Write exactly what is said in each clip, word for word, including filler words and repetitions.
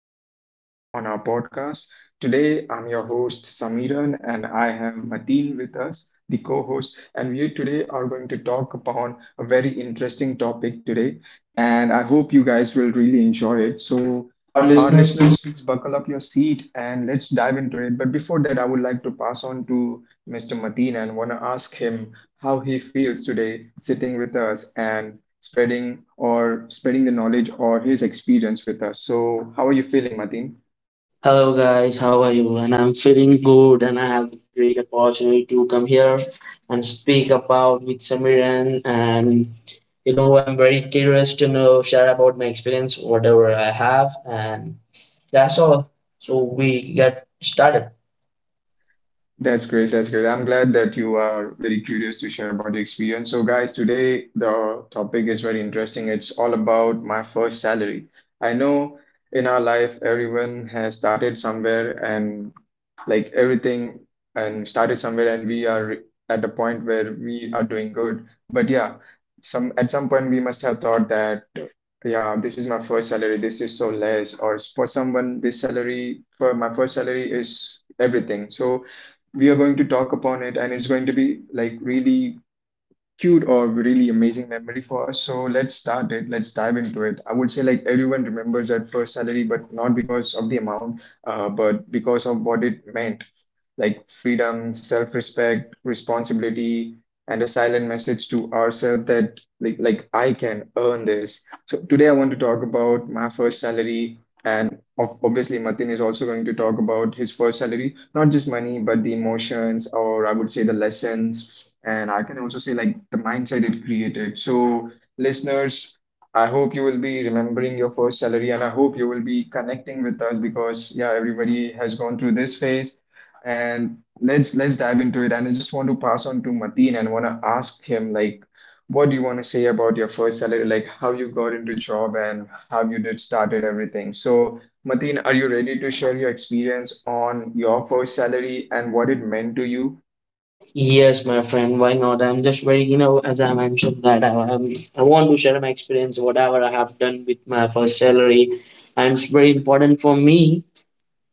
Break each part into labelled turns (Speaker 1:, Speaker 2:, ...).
Speaker 1: a new topic on our podcast. Today, I'm your host, Samiran, and I have Mateen with us, the co host. And we today are going to talk upon a very interesting topic today. And I hope you guys will really enjoy it. So,
Speaker 2: Our
Speaker 1: our
Speaker 2: listeners
Speaker 1: listeners,
Speaker 2: feel.
Speaker 1: please buckle up your seat and let's dive into it. But before that, I would like to pass on to mister Mateen and want to ask him how he feels today sitting with us and spreading or spreading the knowledge or his experience with us. So, how are you feeling, Mateen?
Speaker 2: Hello guys, how are you? And I'm feeling good and I have a great opportunity to come here and speak about with Samiran and you know I'm very curious to know share about my experience whatever I have and that's all. So we get started.
Speaker 1: That's great. That's great. I'm glad that you are very curious to share about your experience. So, guys, today the topic is very interesting. It's all about my first salary. I know in our life, everyone has started somewhere and like everything and started somewhere, and we are at the point where we are doing good. But yeah, some at some point we must have thought that yeah, this is my first salary. This is so less. Or s- for someone, this salary for my first salary is everything. So we are going to talk upon it, and it's going to be like really cute or really amazing memory for us. So let's start it. Let's dive into it. I would say like everyone remembers that first salary, but not because of the amount, uh, but because of what it meant, like freedom, self-respect, responsibility, and a silent message to ourselves that like like I can earn this. So today I want to talk about my first salary. And ob- obviously, Martin is also going to talk about his first salary, not just money, but the emotions, or I would say the lessons, and I can also say like the mindset it created. So, listeners, I hope you will be remembering your first salary, and I hope you will be connecting with us because yeah, everybody has gone through this phase, and let's let's dive into it. And I just want to pass on to Mateen and want to ask him like. What do you want to say about your first salary? Like how you got into job and how you did started everything. So Mateen, are you ready to share your experience on your first salary and what it meant to you?
Speaker 2: Yes, my friend, why not? I'm just very you know as I mentioned that I I'm, I want to share my experience whatever I have done with my first salary and it's very important for me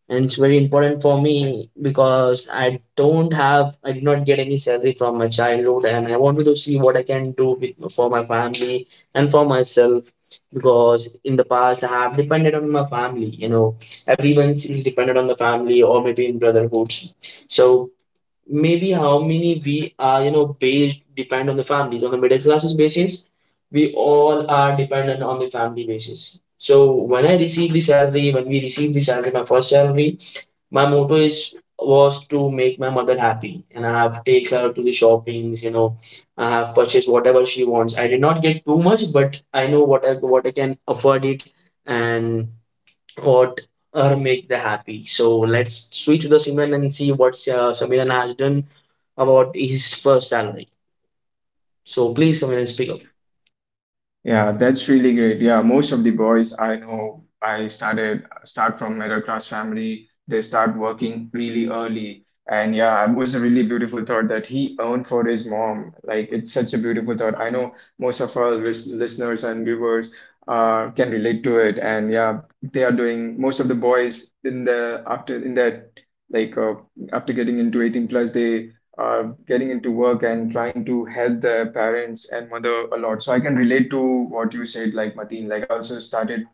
Speaker 2: and it's very important for me because I don't have, I did not get any salary from my childhood, and I wanted to see what I can do with, for my family and for myself. Because in the past, I have depended on my family, you know, everyone is dependent on the family or maybe in brotherhoods. So maybe how many we are, you know, based depend on the families on the middle classes basis. We all are dependent on the family basis. So when I receive the salary, when we receive the salary, my first salary, my motto is was to make my mother happy, and I have take her to the shoppings. You know, I have purchased whatever she wants. I did not get too much, but I know what I what I can afford it, and what her make the happy. So let's switch to the Simran and see what uh, Samiran has done about his first salary. So please, Samiran, speak up.
Speaker 1: Yeah, that's really great. Yeah, most of the boys I know, I started start from middle class family. They start working really early, and yeah, it was a really beautiful thought that he earned for his mom. Like it's such a beautiful thought. I know most of our lis- listeners and viewers uh, can relate to it, and yeah, they are doing most of the boys in the after in that like uh, after getting into eighteen plus they uh, getting into work and trying to help their parents and mother a lot. So I can relate to what you said, like Mateen. Like I also started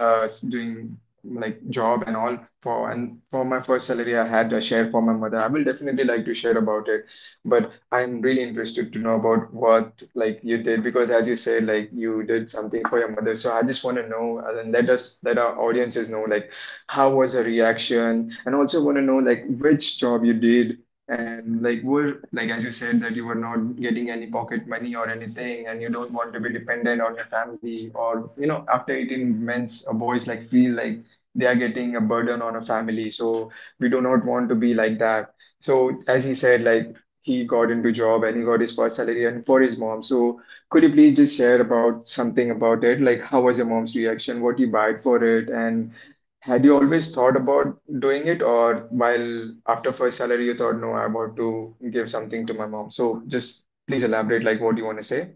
Speaker 1: uh, s- doing like job and all for and for my first salary I had a share for my mother. I will definitely like to share about it, but I'm really interested to know about what like you did because as you said, like you did something for your mother. So I just want to know, uh, and let us let our audiences know like how was her reaction, and also want to know like which job you did, and like were, like as you said that you were not getting any pocket money or anything and you don't want to be dependent on your family, or you know after eighteen men's or boys like feel like they are getting a burden on a family, so we do not want to be like that. So as he said, like he got into job and he got his first salary and for his mom. So could you please just share about something about it, like how was your mom's reaction, what you buy for it, and had you always thought about doing it, or while after first salary you thought, no, I want to give something to my mom? So just please elaborate like what you want to say.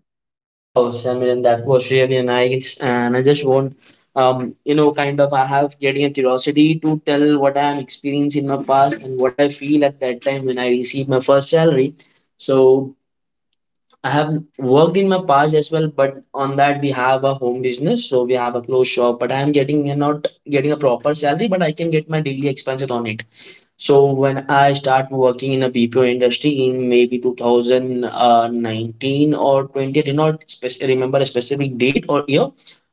Speaker 2: Oh, Samir, that was really nice. And I just want, um, you know, kind of, I have getting a curiosity to tell what I am experiencing in my past and what I feel at that time when I received my first salary. So I have worked in my past as well, but on that we have a home business, so we have a clothes shop. But I am getting uh, not getting a proper salary, but I can get my daily expenses on it. So when I start working in a B P O industry in maybe two thousand nineteen or twenty, I did not spec- remember a specific date or year.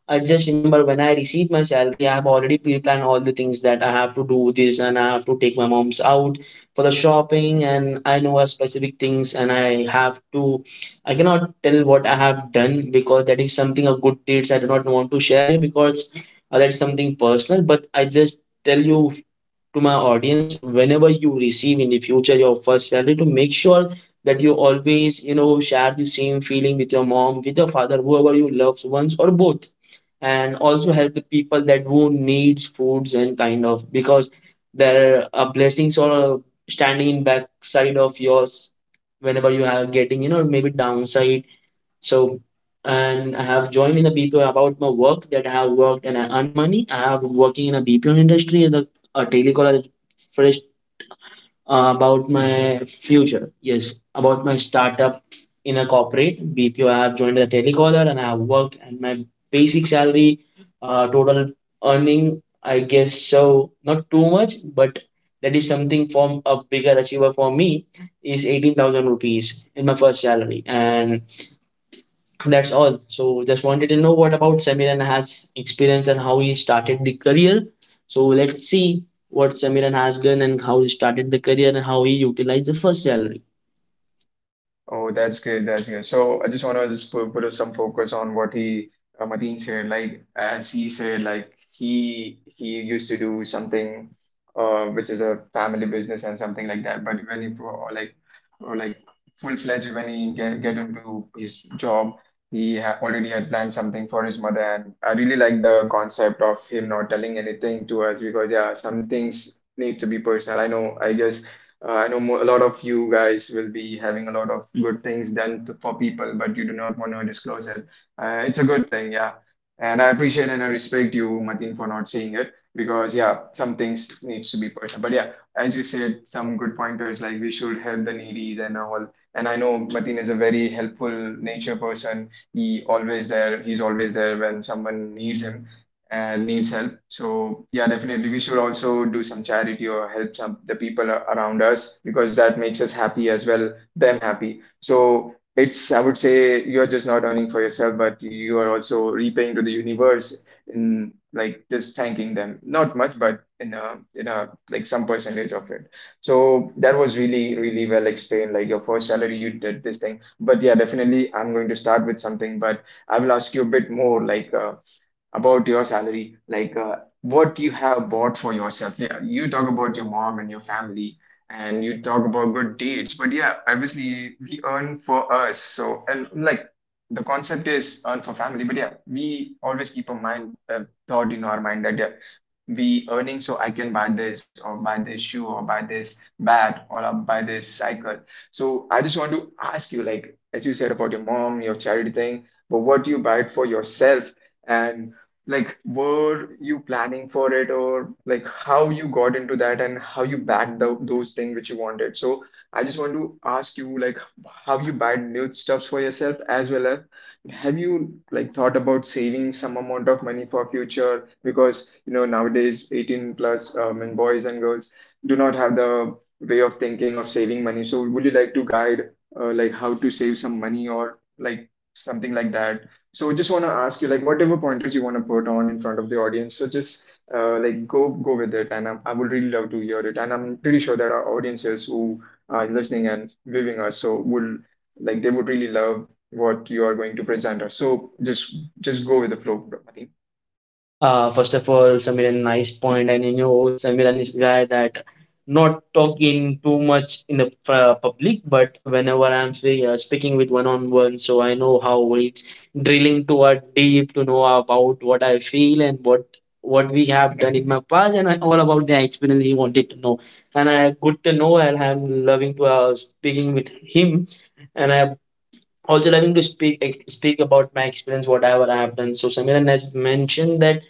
Speaker 2: I just remember when I received my salary, I have already pre-planned all the things that I have to do this and I have to take my mom's out for the shopping and I know a specific things and I have to I cannot tell what I have done because that is something of good deeds I do not want to share you because uh, that's something personal, but I just tell you to my audience whenever you receive in the future your first salary to make sure that you always you know share the same feeling with your mom, with your father, whoever you love ones or both, and also help the people that who needs foods and kind of because there are blessings or standing in backside of yours whenever you are getting you know maybe downside. So, and I have joined in a B P O about my work that I have worked and I earn money. I have working in a B P O industry and a, a telecaller first uh, about my future. Yes, about my startup in a corporate B P O. I have joined a telecaller and I have worked, and my basic salary, uh, total earning, I guess so not too much, but that is something from a bigger achiever for me is eighteen thousand rupees in my first salary, and that's all. So just wanted to know what about Samiran has experience and how he started the career. So let's see what Samiran has done and how he started the career and how he utilized the first salary.
Speaker 1: Oh, that's great. That's great. So I just want to just put, put some focus on what he uh, Mateen said. Like as he said, like he he used to do something, uh, which is a family business and something like that. But when he pro- like or like full-fledged when he get, get into his job, he ha already had planned something for his mother. And I really like the concept of him not telling anything to us because yeah, some things need to be personal. I know. I guess uh, I know mo a lot of you guys will be having a lot of good things done to, for people, but you do not want to disclose it. Uh, it's a good thing, yeah. And I appreciate and I respect you, Mateen, for not saying it because, yeah, some things needs to be personal. But yeah, as you said, some good pointers like we should help the needies and all. And I know Mateen is a very helpful nature person. He always there. He's always there when someone needs him and needs help. So yeah, definitely we should also do some charity or help some the people a- around us because that makes us happy as well, them happy. So it's I would say you're just not earning for yourself, but you are also repaying to the universe in like just thanking them. Not much, but in a in a like some percentage of it. So that was really, really well explained. Like your first salary, you did this thing. But yeah, definitely I'm going to start with something, but I will ask you a bit more like uh, about your salary, like uh, what you have bought for yourself. Yeah, you talk about your mom and your family, and you talk about good deeds. But yeah, obviously we earn for us. So and like the concept is earn for family. But yeah, we always keep a mind uh, thought in our mind that yeah, we earning so I can buy this or buy this shoe or buy this bat or I'll buy this cycle. So I just want to ask you, like as you said about your mom, your charity thing, but what do you buy it for yourself? And like, were you planning for it, or like how you got into that and how you backed the, those things which you wanted? So, I just want to ask you, like, have you bought new stuffs for yourself as well as have you like thought about saving some amount of money for future? Because you know nowadays, eighteen plus um, and boys and girls do not have the way of thinking of saving money. So, would you like to guide uh, like how to save some money or like something like that? So just want to ask you like whatever pointers you want to put on in front of the audience. So just uh, like go go with it, and I'm, I would really love to hear it. And I'm pretty sure that our audiences who are listening and viewing us, so would like they would really love what you are going to present us. So just just go with the flow, Pramatee.
Speaker 2: Uh, first of all, Samiran, nice point. And you know, Samiran is guy that not talking too much in the uh, public, but whenever I'm free, uh, speaking with one on one, so I know how it's drilling to a deep to know about what I feel and what what we have done in my past and all about the experience he wanted to know. And I good to know, and I'm loving to uh, speaking with him, and I'm also loving to speak ex- speak about my experience, whatever I have done. So Samiran has mentioned that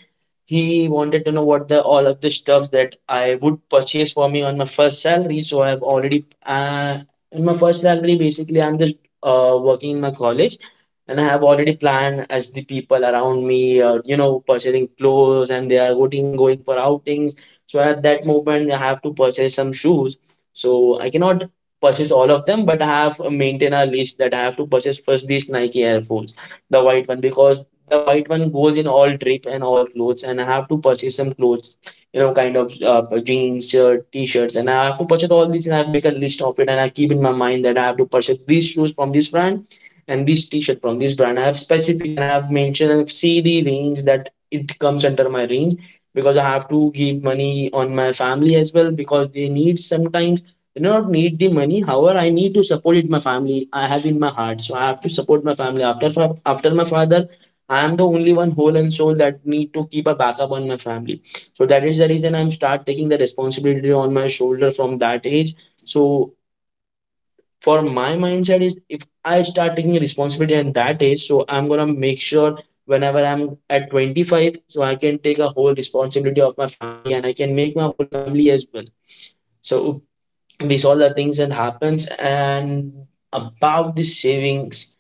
Speaker 2: he wanted to know what the all of the stuff that I would purchase for me on my first salary. So I've already uh, in my first salary, basically, I'm just uh, working in my college, and I have already planned as the people around me, uh, you know, purchasing clothes, and they are going going for outings. So at that moment, I have to purchase some shoes. So I cannot purchase all of them, but I have maintained a list that I have to purchase first these Nike Air Force, the white one, because the white one goes in all drip and all clothes, and I have to purchase some clothes, you know, kind of uh, jeans, shirt, t-shirts, and I have to purchase all these, and I make a list of it, and I keep in my mind that I have to purchase these shoes from this brand and this t-shirt from this brand. I have specific and I have mentioned and see the range that it comes under my range, because I have to give money on my family as well, because they need sometimes, they do not need the money, however I need to support it my family. I have in my heart, so I have to support my family after fa- after my father. I am the only one whole and soul that need to keep a backup on my family. So that is the reason I'm start taking the responsibility on my shoulder from that age. So for my mindset is if I start taking responsibility at that age, so I'm gonna make sure whenever I'm at twenty-five, so I can take a whole responsibility of my family, and I can make my whole family as well. So these all the things that happens. And about the savings,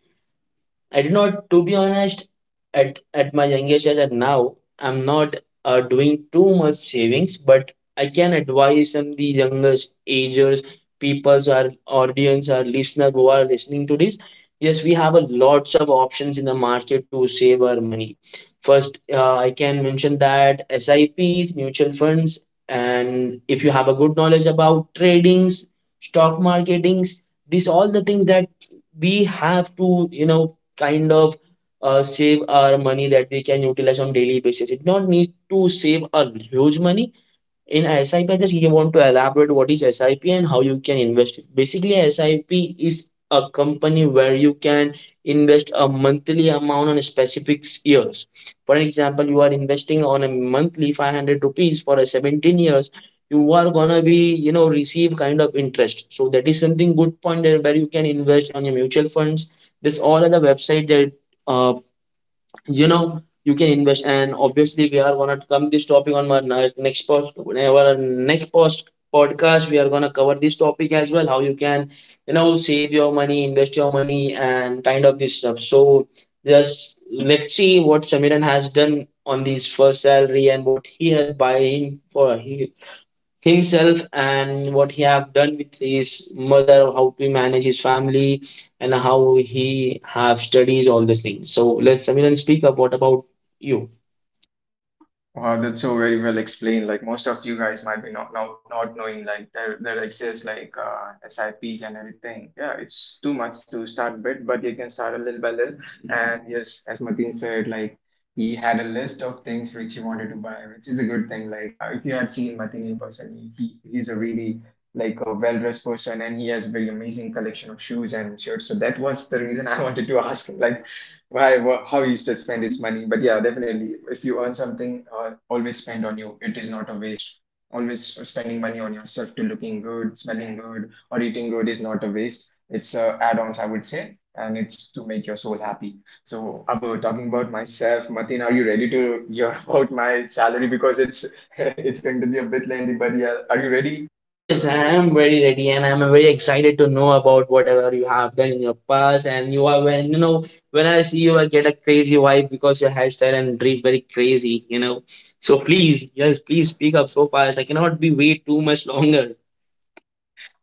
Speaker 2: I did not, to be honest, at at my youngest age and now, I'm not uh, doing too much savings, but I can advise some the youngest agers, peoples, our audience, our listener who are listening to this. Yes, we have a lots of options in the market to save our money. First, uh, I can mention that S I Ps, mutual funds, and if you have a good knowledge about tradings, stock marketings, these all the things that we have to you know kind of uh, save our money that we can utilize on daily basis. It not need to save a huge money. In S I P, I P, I just you want to elaborate what is S I P and how you can invest. It. Basically, S I P is a company where you can invest a monthly amount on specific years. For example, you are investing on a monthly five hundred rupees for a seventeen years. You are gonna be you know receive kind of interest. So that is something good point there where you can invest on your mutual funds. This all are the website that uh, you know you can invest, and obviously we are gonna come this topic on our ne- next post, our next post podcast we are gonna cover this topic as well, how you can you know save your money, invest your money and kind of this stuff. So just let's see what Samiran has done on his first salary and what he had buying for he himself and what he have done with his mother, how to manage his family, and how he have studies all these things. So let's Samiran speak up what about you.
Speaker 1: Wow, that's so very well explained. Like most of you guys might be not not, not knowing like there there exists like uh, S I Ps and everything. Yeah, it's too much to start with, but you can start a little by little. And yes, as Martin said, like he had a list of things which he wanted to buy, which is a good thing. Like uh, if you had seen Martin in person, he, he he's a really like a well-dressed person, and he has very amazing collection of shoes and shirts. So that was the reason I wanted to ask him. Like why, wha- how he used to spend his money. But yeah, definitely, if you earn something, uh, always spend on you. It is not a waste. Always spending money on yourself to looking good, smelling good, or eating good is not a waste. It's uh, add-ons, I would say, and it's to make your soul happy. So, Abu, talking about myself, Mateen, are you ready to hear about my salary? Because it's it's going to be a bit lengthy, but yeah, are you ready?
Speaker 2: Yes, I am very ready and I'm very excited to know about whatever you have done in your past, and you are when you know when I see you I get a crazy vibe because your hairstyle and drip very crazy, you know. So please, yes, please speak up so fast, I cannot be wait too much longer.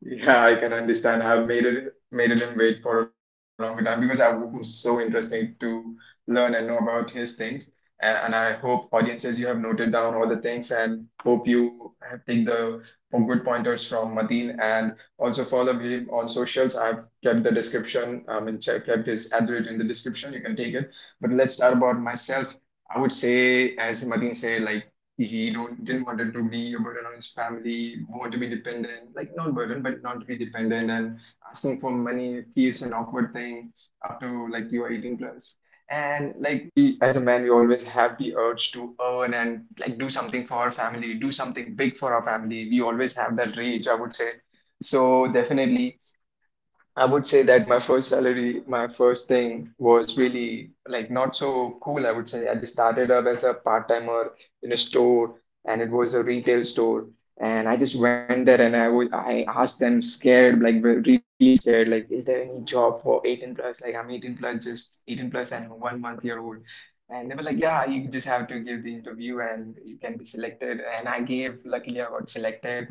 Speaker 1: Yeah, I can understand. I've made it made him wait for a longer time because I was so interesting to learn and know about his things. And, and I hope audiences you have noted down all the things and hope you have take the good pointers from Mateen and also follow him on socials. I've kept the description, I mean check kept his address in the description. You can take it. But let's start about myself. I would say, as Mateen said, like he don't didn't want it to be a burden on his family, want to be dependent, like not burden, but not to be dependent and asking for money feels an awkward thing after like you are eighteen plus. And like we as a man, we always have the urge to earn and like do something for our family, do something big for our family. We always have that rage, I would say. So definitely. I would say that my first salary, my first thing was really like not so cool, I would say. I just started up as a part-timer in a store, and it was a retail store. And I just went there and I was I asked them scared, like ve- really scared, like, is there any job for eighteen plus? Like I'm eighteen plus, just eighteen plus and one month year old. And they were like, yeah, you just have to give the interview and you can be selected. And I gave, luckily I got selected.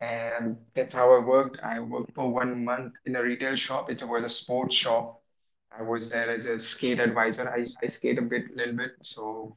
Speaker 1: And that's how I worked. I worked for one month in a retail shop. It was a sports shop. I was there as a skate advisor. I, I skate a bit, little bit. So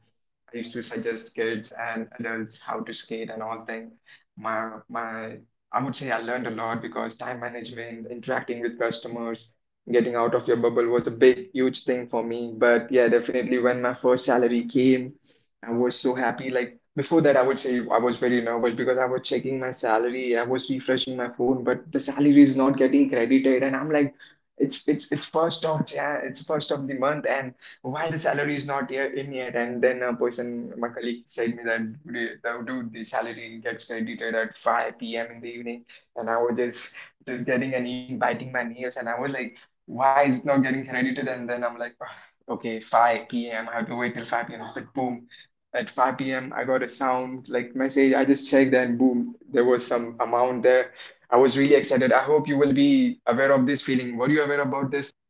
Speaker 1: I used to suggest kids and adults how to skate and all thing. My my I would say I learned a lot because time management, interacting with customers, getting out of your bubble was a big huge thing for me. But yeah, definitely when my first salary came, I was so happy. Like before that, I would say I was very nervous because I was checking my salary, I was refreshing my phone, but the salary is not getting credited, and I'm like, it's it's it's first of yeah, it's first of the month, and why the salary is not here in yet. And then a person my colleague said me that, "Dude, the dude the salary gets credited at five p.m. in the evening." And I was just just getting and eating biting my nails, and I was like, why is it not getting credited? And then I'm like, "Ugh, okay, five p.m. I have to wait till five p.m." But boom, at five p.m. I got a sound like message. I just checked, and boom, there was some amount there. I was really excited. I hope you will be aware of this feeling. Were you aware about this?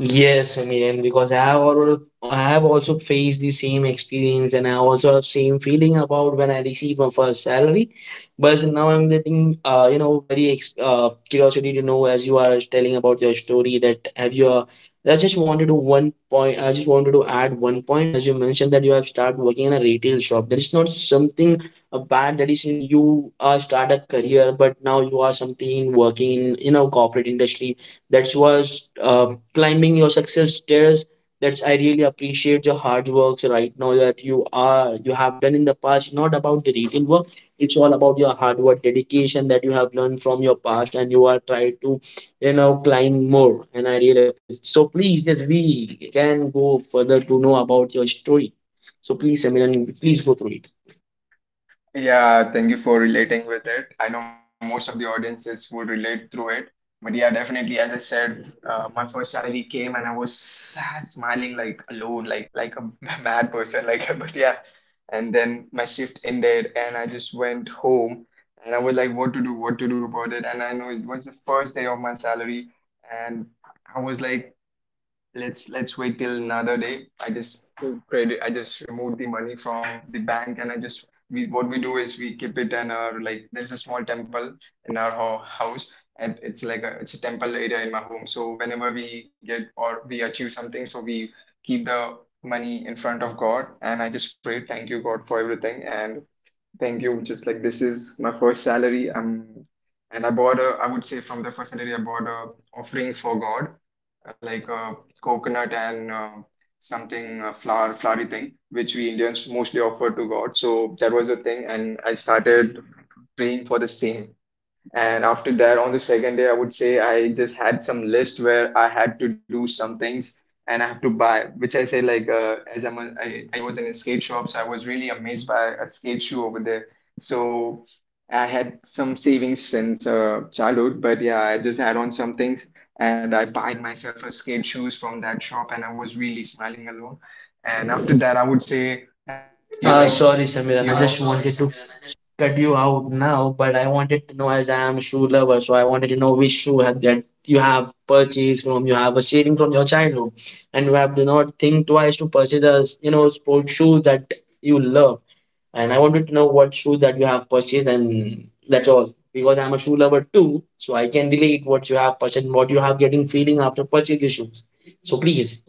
Speaker 2: Yes, I mean, because I have already, I have also faced the same experience, and I also have same feeling about when I receive my first salary. But now I'm getting, uh, you know, very ex- uh, curiosity to know as you are telling about your story that have you. Uh, I just wanted to one point. I just wanted to add one point as you mentioned that you have started working in a retail shop. That is not something uh, bad. That is you uh, start a career, but now you are something working in you know corporate industry. That was uh, climbing your success stairs. That's I really appreciate your hard works right now that you are you have done in the past. Not about the retail work. It's all about your hard work, dedication that you have learned from your past, and you are trying to you know climb more. And I really appreciate. It. So please, yes, we can go further to know about your story. So please, Samiran, please go through it.
Speaker 1: Yeah, thank you for relating with it. I know most of the audiences would relate through it. But yeah, definitely, as I said, uh, my first salary came and I was sad, smiling like alone, like like a mad person, like but yeah. And then my shift ended and I just went home, and I was like, what to do, what to do about it. And I know it was the first day of my salary, and I was like, let's let's wait till another day. I just took credit. I just removed the money from the bank, and I just we what we do is we keep it in our like there's a small temple in our ho- house, and it's like a it's a temple area in my home. So whenever we get or we achieve something, so we keep the money in front of God, and I just pray, thank you God for everything, and thank you. Just like this is my first salary. Um, and I bought a, I would say from the first salary, I bought a offering for God, uh, like a coconut and uh, something uh, flower, flowery thing, which we Indians mostly offer to God. So that was a thing, and I started praying for the same. And after that, on the second day, I would say I just had some list where I had to do some things and I have to buy, which I say like uh, as I'm a, I, I was in a skate shop, so I was really amazed by a skate shoe over there. So I had some savings since uh, childhood, but yeah, I just had on some things and I buyed myself a skate shoes from that shop, and I was really smiling alone. And after that, I would say uh, like
Speaker 2: You Uh, know,
Speaker 1: you
Speaker 2: sorry,
Speaker 1: know.
Speaker 2: Samiran. I just wanted to cut you out now, but I wanted to know as I am a shoe lover, so I wanted to know which shoe have, that you have purchased from, you have a saving from your childhood, and you have do not think twice to purchase a you know sports shoe that you love. And I wanted to know what shoe that you have purchased, and that's all. Because I'm a shoe lover too, so I can relate what you have purchased, and what you have getting feeling after purchasing the shoes. So please,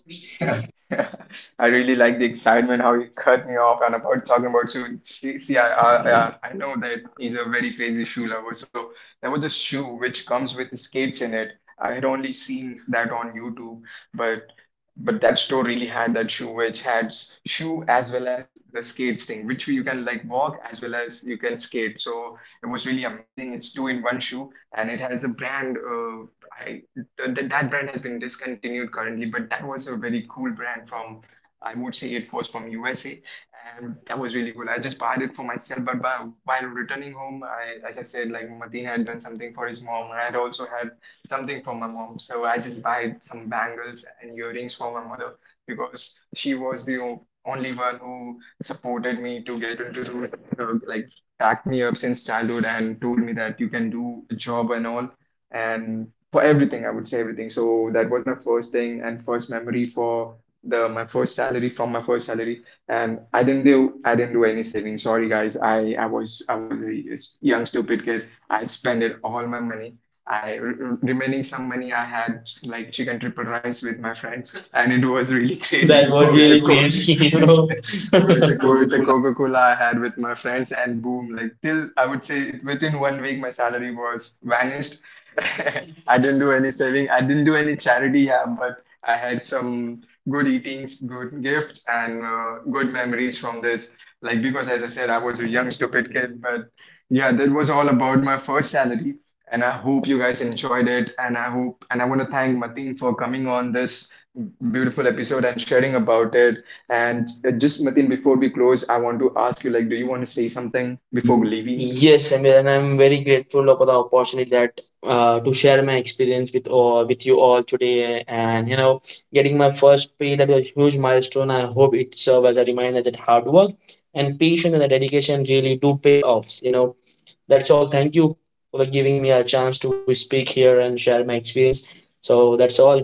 Speaker 1: Yeah, I really like the excitement how you cut me off and about talking about shoes. See, see, I, I, I I know that he's a very crazy shoe lover. So there was a shoe which comes with skates in it. I had only seen that on YouTube, but but that store really had that shoe which had s- shoe as well as the skates thing, which you can like walk as well as you can skate. So it was really amazing. It's two in one shoe, and it has a brand. Uh, I th- that brand has been discontinued currently, but that was a very cool brand from, I would say it was from U S A, and that was really cool. I just bought it for myself, but by, while returning home, I, as I said, like Mateen had done something for his mom, and I had also had something for my mom. So I just bought some bangles and earrings for my mother because she was the o- only one who supported me to get into the, uh, like backed me up since childhood and told me that you can do a job and all. And for everything, I would say everything. So that was my first thing and first memory for the my first salary from my first salary. And I didn't do I didn't do any saving. Sorry guys, I I was I was a s- young stupid kid. I spent it all my money. I re- re- remaining some money I had like chicken triple rice with my friends, and it was really crazy
Speaker 2: that was
Speaker 1: with the
Speaker 2: really
Speaker 1: coke
Speaker 2: crazy, you know.
Speaker 1: with the Coca-Cola I had with my friends, and boom, like till I would say it, within one week, my salary was vanished. I didn't do any saving. I didn't do any charity, yeah, but I had some good eatings, good gifts, and uh, good memories from this. Like because, as I said, I was a young stupid kid, but yeah, that was all about my first salary. And I hope you guys enjoyed it. And I hope, and I want to thank Mateen for coming on this beautiful episode and sharing about it. And uh, just Matin, before we close, I want to ask you, like, do you want to say something
Speaker 2: before
Speaker 1: before
Speaker 2: leaving.
Speaker 1: leaving?
Speaker 2: Yes, I mean, and I'm very grateful for the opportunity that uh, to share my experience with all with you all today. And you know, getting my first pay that was a huge milestone. I hope it serves as a reminder that hard work and patience and the dedication really do pay offs. You know, that's all. Thank you for giving me a chance to speak here and share my experience. So that's all.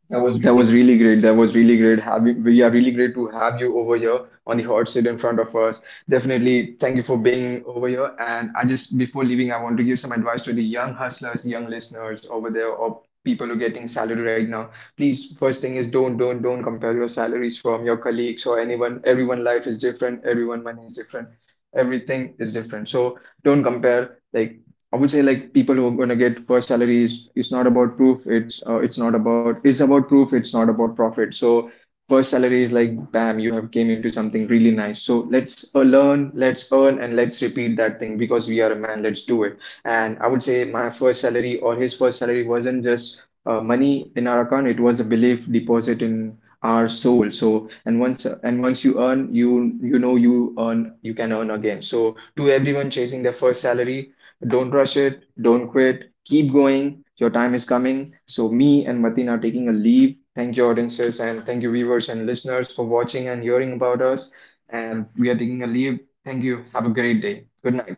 Speaker 2: That was
Speaker 1: That
Speaker 2: really
Speaker 1: was really great. That was really great. Having we are really great to have you over here on the hot seat in front of us. Definitely, thank you for being over here. And I just before leaving, I want to give some advice to the young hustlers, young listeners over there, or people who are getting salary right now. Please, first thing is don't, don't, don't compare your salaries from your colleagues or anyone. Everyone life is different. Everyone money is different. Everything is different. So don't compare. Like I would say like people who are going to get first salaries is not about proof. It's uh, it's not about it's about proof. It's not about profit. So first salary is like bam, you have came into something really nice. So let's uh, learn, let's earn, and let's repeat that thing because we are a man. Let's do it. And I would say my first salary or his first salary wasn't just uh, money in our account. It was a belief deposit in our soul. So and once and once you earn, you you know you earn you can earn again. So to everyone chasing their first salary, don't rush it, don't quit, keep going. Your time is coming. So, me and Mateen are taking a leave. Thank you, audiences, and thank you, viewers and listeners, for watching and hearing about us. And we are taking a leave. Thank you. Have a great day. Good night.